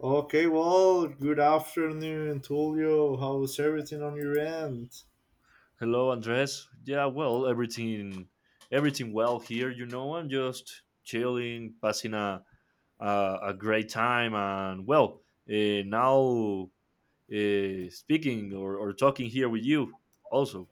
Okay, well, good afternoon, Tulio. How's everything on your end? Hello, Andres. Everything well here. You know, I'm just chilling, passing a great time, and now speaking or talking here with you also.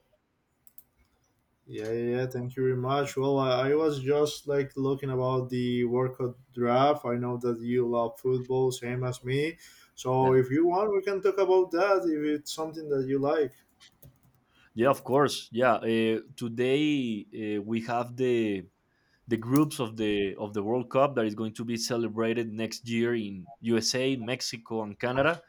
Yeah, yeah, yeah, thank you very much. Well, I was just like looking about the workout draft. I know that you love football, same as me. So Yeah, if you want, we can talk about that if it's something that you like. yeah, of course. Yeah, today we have the groups of the World Cup that is going to be celebrated next year in USA, Mexico, and Canada.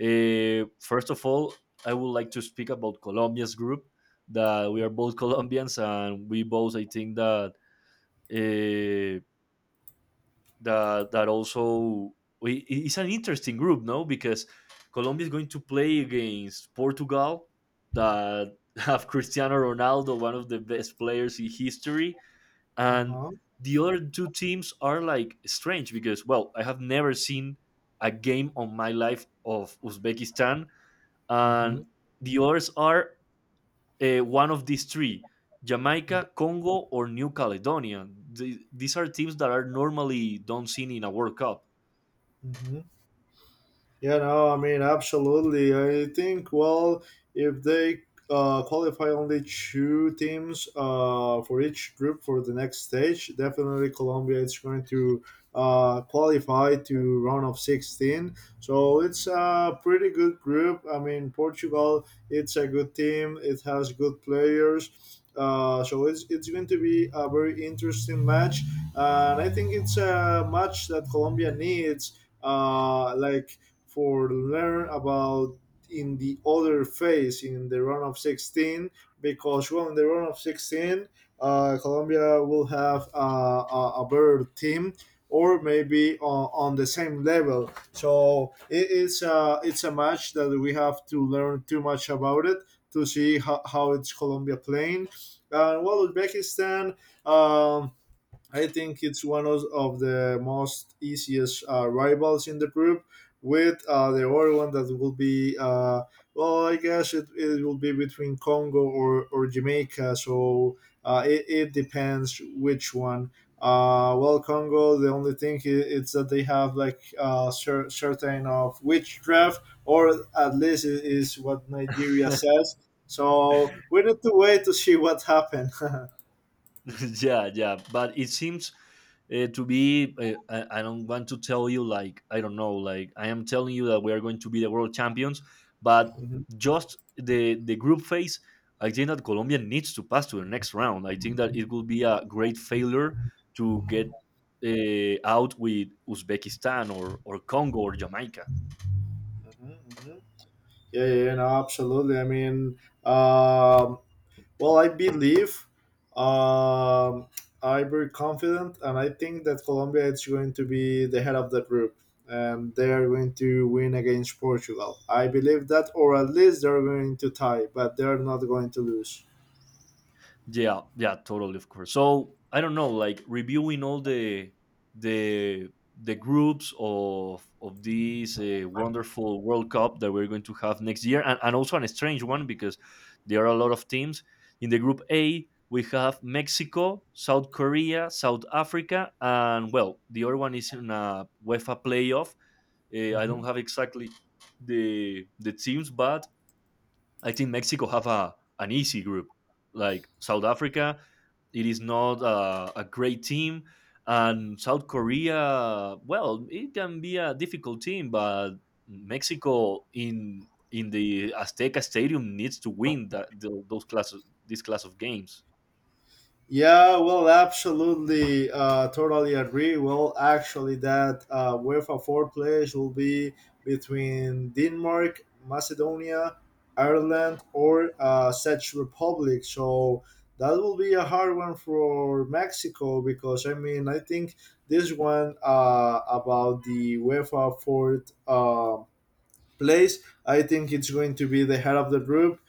First of all, I would like to speak about Colombia's group. That we are both Colombians, and we both, I think that uh, that that also it's an interesting group, no? Because Colombia is going to play against Portugal, that have Cristiano Ronaldo, one of the best players in history, Uh and huh. the other two teams are like strange because, well, I have never seen a game on my life of Uzbekistan and Mm-hmm. the others are one of these three: Jamaica, Congo, or New Caledonia. These are teams that are normally don't seen in a World Cup. Mm-hmm. Yeah, no, I mean, absolutely. I think, well, if they qualify only two teams for each group for the next stage, definitely Colombia is going to qualify to round of 16. So it's a pretty good group. I mean, Portugal, it's a good team. It has good players. So it's going to be a very interesting match. And I think it's a match that Colombia needs. Like for learn about in the other phase in the round of 16 because well in the round of 16 Colombia will have a better team or maybe on the same level. So it is a, it's a match that we have to learn too much about it to see how it's Colombia playing. And well, Uzbekistan, um, I think it's one of the most easiest rivals in the group. With the other one that will be, well, I guess it, it will be between Congo or Jamaica. So it, it depends which one. Well, Congo, the only thing is that they have like certain of which draft, or at least it is what Nigeria says. So we need to wait to see what happens. Yeah, yeah, but it seems to be. I don't want to tell you like I don't know. Like I am telling you that we are going to be the world champions, but Mhm, just the group phase. I think that Colombia needs to pass to the next round. I think that it will be a great failure to get out with Uzbekistan or Congo or Jamaica. mhm, mhm. Yeah, yeah, yeah, no, absolutely. I mean, um, well, I believe, um, I'm very confident, and I think that Colombia is going to be the head of the group, and they are going to win against Portugal. I believe that, or at least they're going to tie, but they're not going to lose. Yeah, yeah, totally, of course. So I don't know, like reviewing all the the groups of this wonderful World Cup that we're going to have next year, and also an strange one because there are a lot of teams in the Group A. We have Mexico, South Korea, South Africa, and well, the other one is in a UEFA playoff. I don't Mhm. have exactly the teams, but I think Mexico have a an easy group. Like South Africa, it is not a great team, and South Korea, well, it can be a difficult team, but Mexico in the Azteca Stadium needs to win that tho- those class this class of games. Yeah, well, absolutely, totally agree. Well, actually, that UEFA four players will be between Denmark, Macedonia, Ireland, or Czech Republic. So that will be a hard one for Mexico because I mean I think this one about the UEFA fourth. Place. I think it's going to be the head of the group.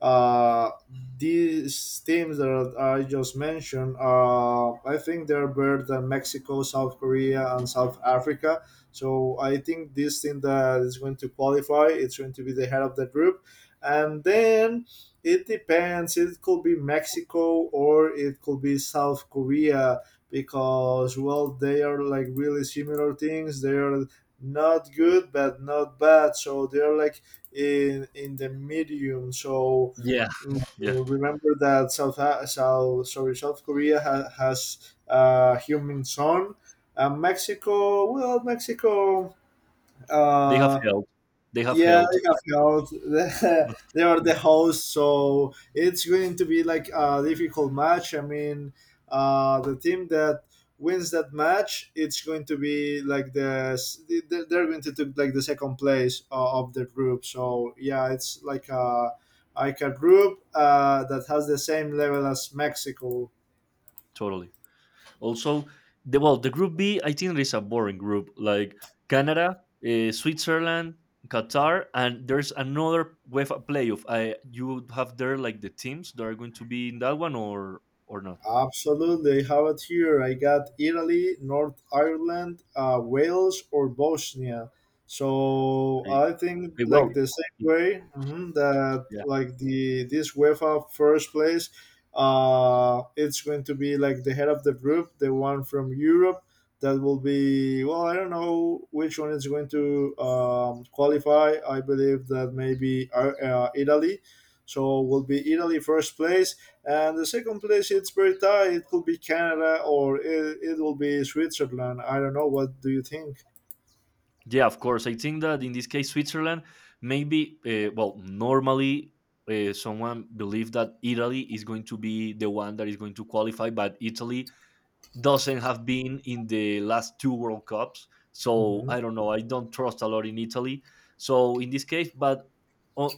Uh, these teams that I just mentioned, I think they're better than Mexico, South Korea, and South Africa. So I think this team that is going to qualify, it's going to be the head of the group, and then it depends. It could be Mexico or it could be South Korea because well, they are like really similar things. They are not good but not bad so they're like in the medium so Yeah, yeah, remember that south sorry south korea has a human son mexico well mexico they have uh, held. They have yeah, held. I have heard the, they are the hosts, so it's going to be like a difficult match. I mean, the team that wins that match, it's going to be like they're going to take like the second place of the group. So yeah, it's like a group that has the same level as Mexico. Totally. Also, the group B, I think is a boring group. Like Canada, Switzerland, Qatar, and there's another UEFA playoff. I you would have there like the teams that are going to be in that one or not. Absolutely, have it here. I got Italy, North Ireland, Wales, or Bosnia. So Okay. I think Okay, well, like the same way that yeah. like the this UEFA first place, it's going to be like the head of the group, the one from Europe that will be well. I don't know which one is going to qualify. I believe that maybe Italy. So will be Italy first place and the second place, it's very tight. It could be Canada or it will be Switzerland. I don't know. What do you think? Yeah, of course. I think that in this case, Switzerland, maybe, well, normally someone believed that Italy is going to be the one that is going to qualify, but Italy doesn't have been in the last two World Cups. So Hmm. I don't know. I don't trust a lot in Italy. So in this case, but uh, uh,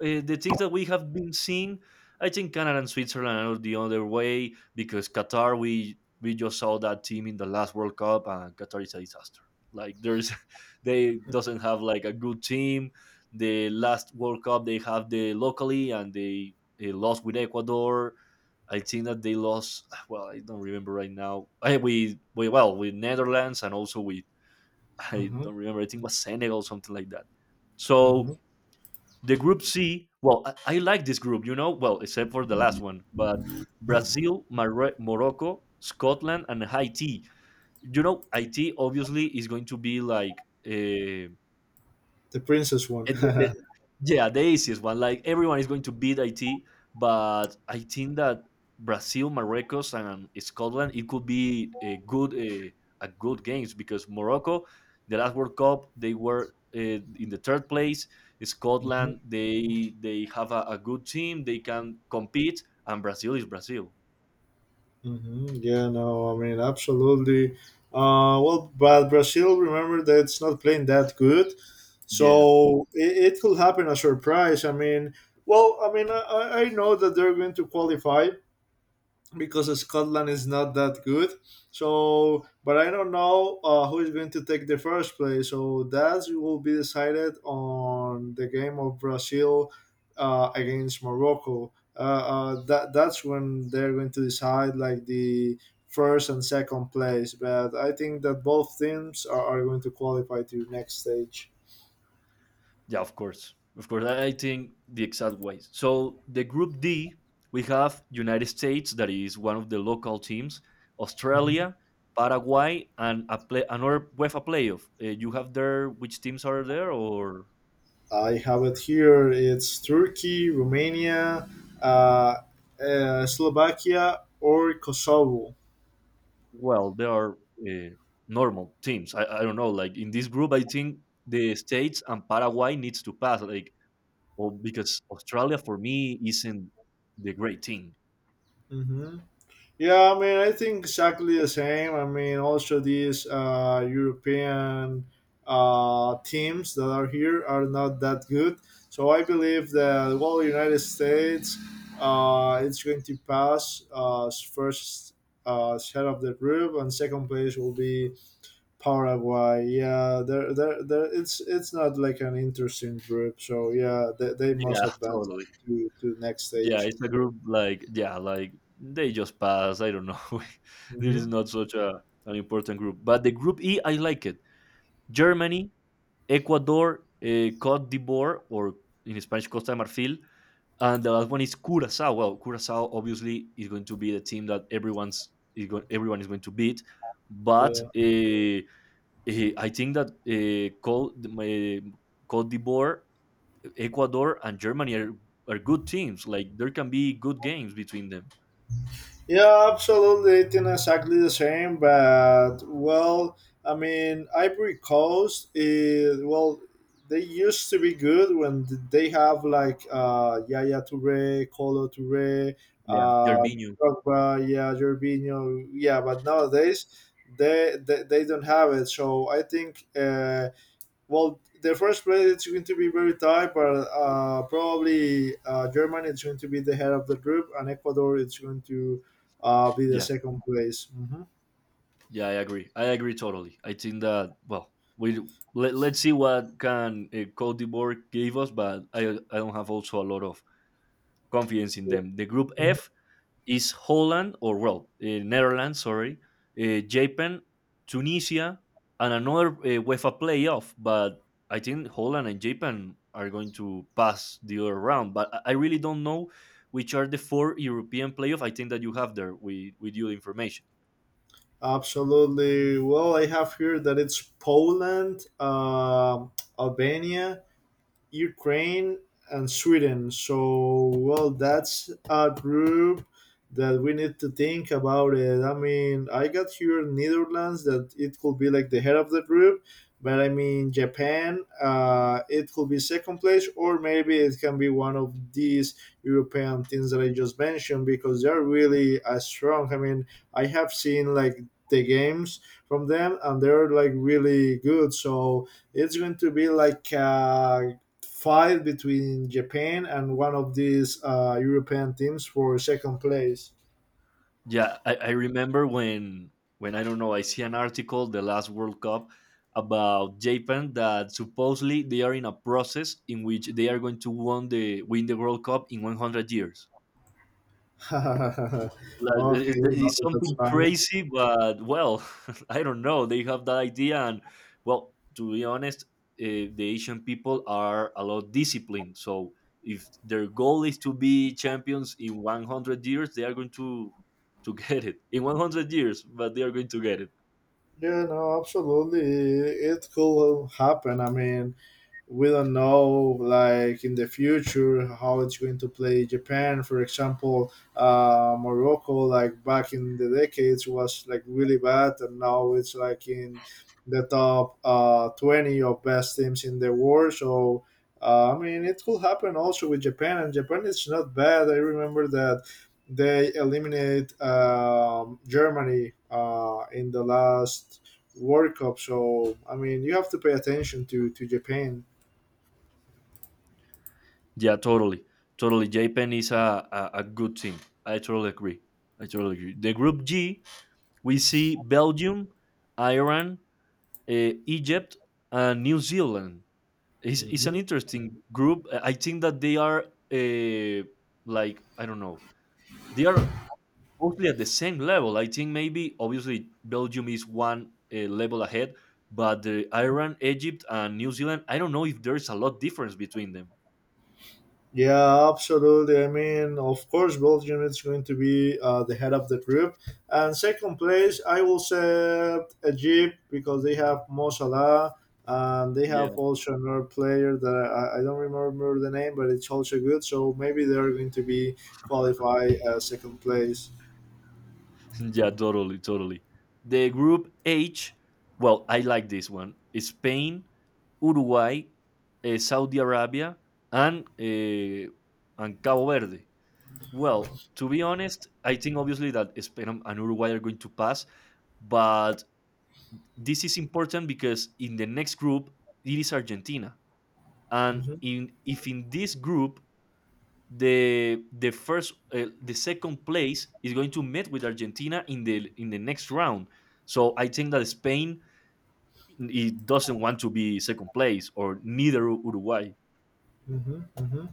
the things that we have been seeing, I think Canada and Switzerland are the other way because Qatar, we just saw that team in the last World Cup, and Qatar is a disaster. Like there's, they doesn't have like a good team. The last World Cup they have the locally, and they lost with Ecuador, I think that they lost. Well, I don't remember right now. I, we well with Netherlands and also with I Hmm. don't remember. I think it was Senegal something like that. So Hmm. the group C. Well, I like this group. You know, well except for the last one, but Brazil, Morocco, Scotland, and Haiti. You know, Haiti obviously is going to be like The princess one. And the, the- yeah, the easiest one. Like everyone is going to beat IT, but I think that Brazil, Morocco, and Scotland, it could be a good games because Morocco, the last World Cup, they were in the third place. Hmm. Scotland, they have a good team, they can compete, and Brazil is Brazil. Hmm. Yeah, no, I mean, absolutely. Well, but Brazil, remember that it's not playing that good. Yeah. So it could happen a surprise. I mean, well, I mean, I know that they're going to qualify, because Scotland is not that good. So, but I don't know who is going to take the first place. So that will be decided on the game of Brazil against Morocco. That that's when they're going to decide like the first and second place. But I think that both teams are going to qualify to next stage. Yeah, of course. Of course. I think the exact ways. So the group D, we have United States, that is one of the local teams, Australia, Paraguay, and another UEFA playoff. You have there which teams are there, or I have it here. It's Turkey, Romania, uh, Slovakia, or Kosovo. well, there are uh, normal teams. I don't know. Like in this group, I think the states and Paraguay needs to pass. Like, well, because Australia for me isn't the great team. Hmm. Yeah, I mean, I think exactly the same. I mean, also these European teams that are here are not that good. So I believe that, well, the United States, it's going to pass first head of the group, and second place will be Paraguay, yeah, they're, it's not like an interesting group, so yeah, they must Yeah, advance totally. To the next Yeah, stage. it's a group like yeah, like they just pass. I don't know. This Hmm. is not such a an important group, but the group E, I like it. Germany, Ecuador, Cote d'Ivoire, or in Spanish Costa de Marfil, and the last one is Curacao. Well, Curacao obviously is going to be the team that everyone is going to beat, but Yeah. I think that Cote d'Ivoire, Ecuador and Germany are good teams. Like there can be good games between them. Yeah, absolutely. It's think exactly the same, but well, I mean, Ivory Coast is well. They used to be good when they have like Yaya Toure, Colo Toure, Yeah. uh, Gervinho. Drogba, yeah, Jorginho, yeah. But nowadays, they don't have it. So I think well, the first place it's going to be very tight, but probably Germany is going to be the head of the group, and Ecuador is going to be the Yeah, second place. Hmm. yeah, I agree. I agree totally. I think that well, we let's see what can Cote d'Ivoire give us, but I don't have also a lot of confidence in them. The group F is Holland or well Netherlands, sorry, Japan, Tunisia, and another UEFA playoff. But I think Holland and Japan are going to pass the other round. But I really don't know which are the four European playoff. I think that you have there with your information. Absolutely. Well, I have heard that it's Poland, Albania, Ukraine and Sweden. So well, that's a group that we need to think about it. I mean, I got here Netherlands that it could be like the head of the group, but I mean Japan, it could be second place, or maybe it can be one of these European things that I just mentioned because they're really as strong. I mean, I have seen like the games from them and they're like really good so it's going to be like a fight between Japan and one of these European teams for second place. Yeah, I remember when I don't know I see an article the last World Cup about Japan that supposedly they are in a process in which they are going to won the win the World Cup in 100 years. Like, Okay, no, it's that's something funny. crazy, but well, I don't know. They have that idea, and well, to be honest, the Asian people are a lot disciplined. So if their goal is to be champions in 100 years, they are going to get it in 100 years, but they are going to get it. Yeah, no, absolutely. It could happen. I mean, we don't know like in the future how it's going to play japan for example morocco like back in the decades was like really bad and now it's like in the top 20 of best teams in the world so I mean it could happen also with japan and japan is not bad I remember that they eliminate germany in the last World Cup. So I mean, you have to pay attention to Japan. Yeah, totally, totally. Japan is a good team. I totally agree. I totally agree. The group G, we see Belgium, Iran, Egypt, and New Zealand. It's an Mhm. interesting group. I think that they are uh, like I don't know. They are mostly at the same level. I think maybe obviously Belgium is one level ahead, but Iran, Egypt, and New Zealand. I don't know if there's a lot difference between them. Yeah, absolutely. I mean, of course, Belgium is going to be the head of the group. And second place, I will say Egypt because they have Mo Salah and they have Yeah. also another player that I don't remember the name, but it's also good. So maybe they're going to be qualified as second place. yeah, totally, totally. The group H. Well, I like this one. Spain, Uruguay, Saudi Arabia, and Cabo Verde. Well, to be honest, I think obviously that Spain and Uruguay are going to pass, but this is important because in the next group it is Argentina, and Hmm. in if in this group the second place is going to meet with Argentina in the next round. So I think that Spain it doesn't want to be second place or neither Uruguay. Hmm. Hmm.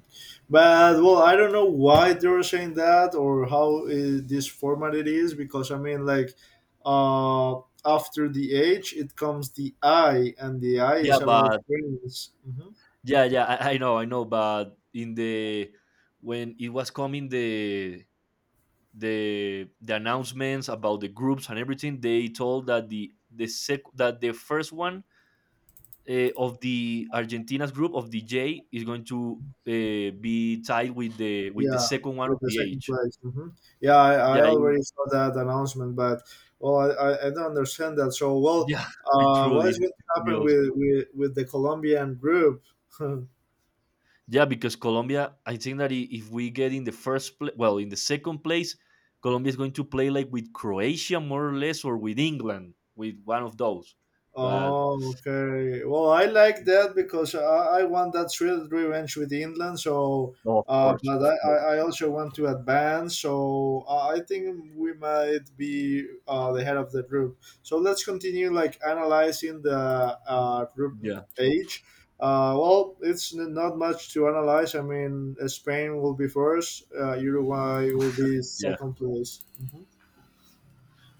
But well, I don't know why they were saying that or how this format it is because I mean, like, after the H, it comes the I, and the I Yeah, is about but wins. Hmm. yeah, yeah, I, I know, I know, but in the when it was coming the announcements about the groups and everything, they told that the sec that the first one of the Argentina's group of the J is going to be tied with the Yeah, second one of with the the second H. place. Hmm. Yeah, I Yeah, it- already saw that announcement, but well, I don't understand that. So, well, yeah, it what is truly going to happen feels. with with the Colombian group? Yeah, because Colombia, I think that if we get in the first place, well, in the second place, Colombia is going to play like with Croatia more or less, or with England, with one of those. But Oh, okay. Well, I like that because I want that thrill revenge with England. So, no, but of I, course, I I also want to advance. So I think we might be the head of the group. So let's continue like analyzing the group yeah. H. Well, it's not much to analyze. I mean, Spain will be first. Uruguay will be Yeah. second place. Mhm.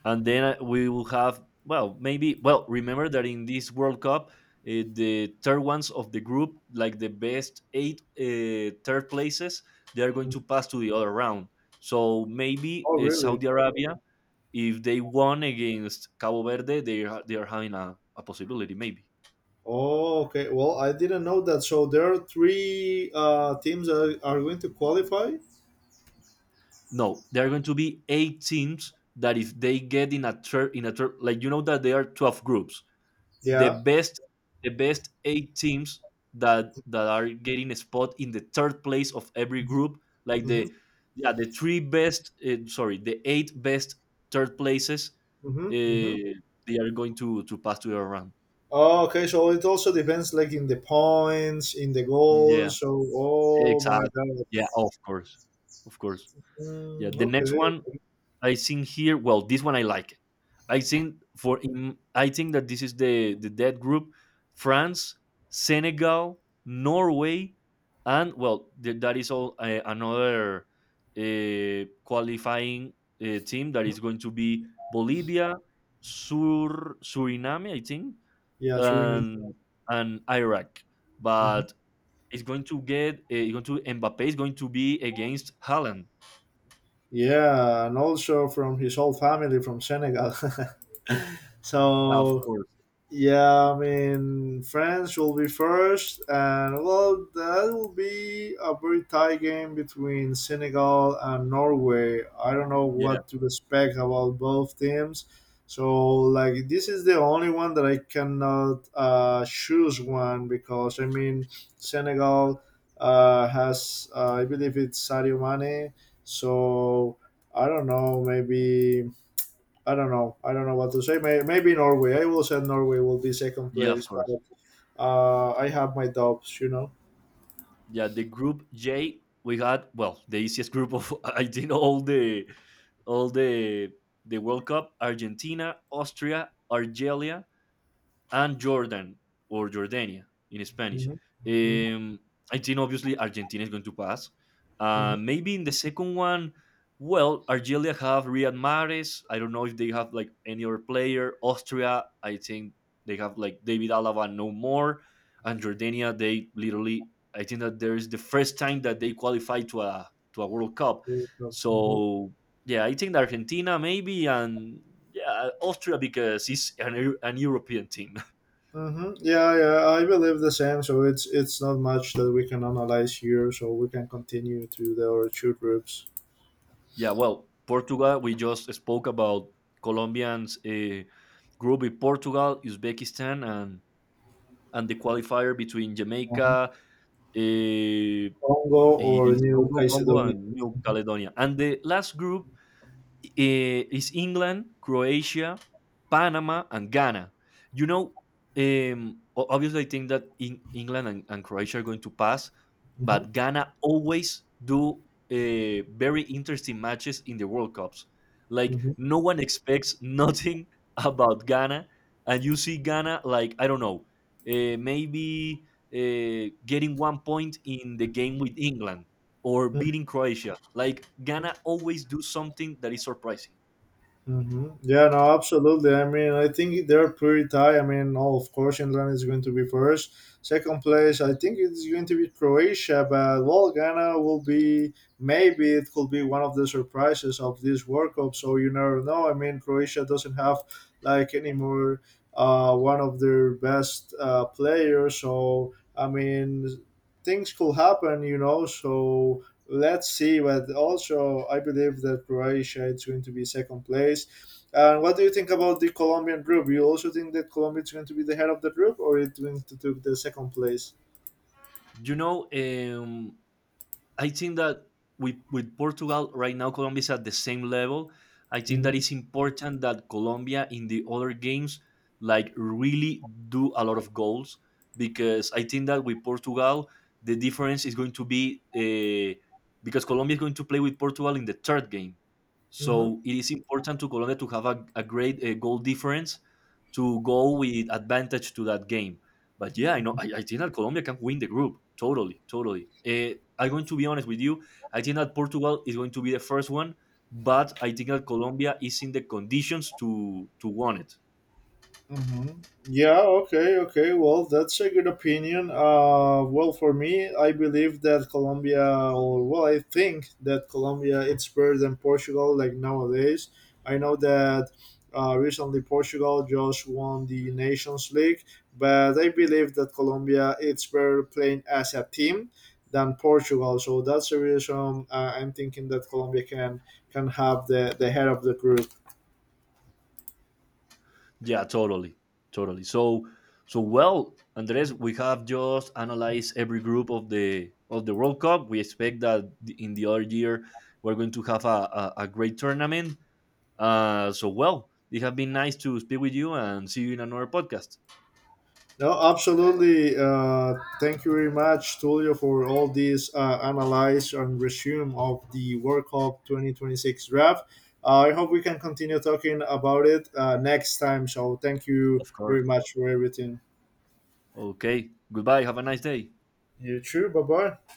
And then we will have well maybe well remember that in this world cup the third ones of the group like the best eight third places they are going to pass to the other round so maybe Oh, really? Saudi Arabia if they won against Cabo Verde they are having a possibility maybe. Oh, okay. Well, I didn't know that. So there are three teams that are going to qualify. No, there are going to be eight teams that if they get in a third like you know that there are 12 groups the Yeah. best the best eight teams that that are getting a spot in the third place of every group like Mm-hmm. The three best sorry the eight best third places Mm-hmm. Mm-hmm. uh, they are going to pass to the round. Oh, okay. So it also depends, like in the points, in the Yeah, goals. So, oh my exactly. God. Yeah, of course, of course. Yeah, Mm, the next okay. one. I think here, well, this one I like. I think that this is the dead group: France, Senegal, Norway, and well, that is all another qualifying team that is going to be Bolivia, Suriname, I think, Yeah, it's really and and Iraq. nice. Hmm. But it's going to Mbappe is going to be against Haaland, Yeah, and also from his whole family from Senegal. of so course. Yeah, I mean, France will be first, and well, that will be a very tight game between Senegal and Norway. I don't know Yeah. what to expect about both teams. So, like, this is the only one that I cannot choose one because, I mean, Senegal has, I believe it's Sadio Mane. So, I don't know, maybe I don't know. I don't know what to say. Maybe Norway. I will say Norway will be second Yeah, of place, course. but I have my doubts. You know. Yeah, the group J, we had well the easiest group of I did all the world cup: Argentina, Austria, Algeria and Jordan or Jordania in Spanish. Hmm. Hmm. Um, I think obviously Argentina is going to pass. Hmm. Maybe in the second one, well, Algeria have Riyad Mahrez. I don't know if they have like any other player. Austria, I think they have like David Alaba no more. And Jordania, they literally, I think that there is the first time that they qualify to a World Cup. So yeah, I think Argentina maybe and yeah Austria because it's an European team. Hmm. Yeah, yeah. I believe the same. So it's not much that we can analyze here. So we can continue to the our two groups, Yeah, well, Portugal, we just spoke about Colombians group with Portugal, Uzbekistan, and the qualifier between uh Jamaica, it Congo or New Congo, Caledonia. and New Caledonia. And the last group is England, Croatia, Panama, and Ghana. You know, um, obviously, I think that in England and Croatia are going to pass, Hmm. but Ghana always do very interesting matches in the World Cups. Like no one expects nothing about Ghana, and you see Ghana like I don't know, maybe getting one point in the game with England or Hmm. beating Croatia. Like Ghana always do something that is surprising. Hmm. Yeah, no, absolutely. I mean, I think they're pretty tight. I mean, oh, of course, England is going to be first. Second place, I think it's going to be Croatia, but well, Ghana will be maybe it could be one of the surprises of this World Cup. So you never know. I mean, Croatia doesn't have like anymore one of their best players. So I mean, things could happen, you know. So let's see. But also, I believe that Croatia is going to be second place. And what do you think about the Colombian group? You also think that Colombia is going to be the head of the group, or it's going to take the second place? You know, I think that with Portugal right now, Colombia is at the same level. I think Hmm. that it's important that Colombia in the other games like really do a lot of goals because I think that with Portugal the difference is going to be because Colombia is going to play with Portugal in the third game. Hmm. So it is important to Colombia to have a great goal difference to go with advantage to that game. But yeah, I know. I think that Colombia can win the group. Totally, totally. I'm going to be honest with you. I think that Portugal is going to be the first one, but I think that Colombia is in the conditions to win it. Hmm. Yeah, okay, okay. Well, that's a good opinion. Well, for me, I believe that Colombia, or well, I think that Colombia it's better than Portugal. Like nowadays, I know that recently Portugal just won the Nations League, but I believe that Colombia it's better playing as a team than Portugal. So that's the reason I'm thinking that Colombia can have the head of the group. Yeah, totally, totally. So, so well, Andres, we have just analyzed every group of the World Cup. We expect that in the other year we're going to have a great tournament. So well, it has been nice to speak with you and see you in another podcast. No, absolutely. Thank you very much, Tulio, for all these analyze and resume of the World Cup 2026 draft. I hope we can continue talking about it next time. So thank you Of course. very much for everything. Okay. Goodbye. Have a nice day. You too. Bye bye.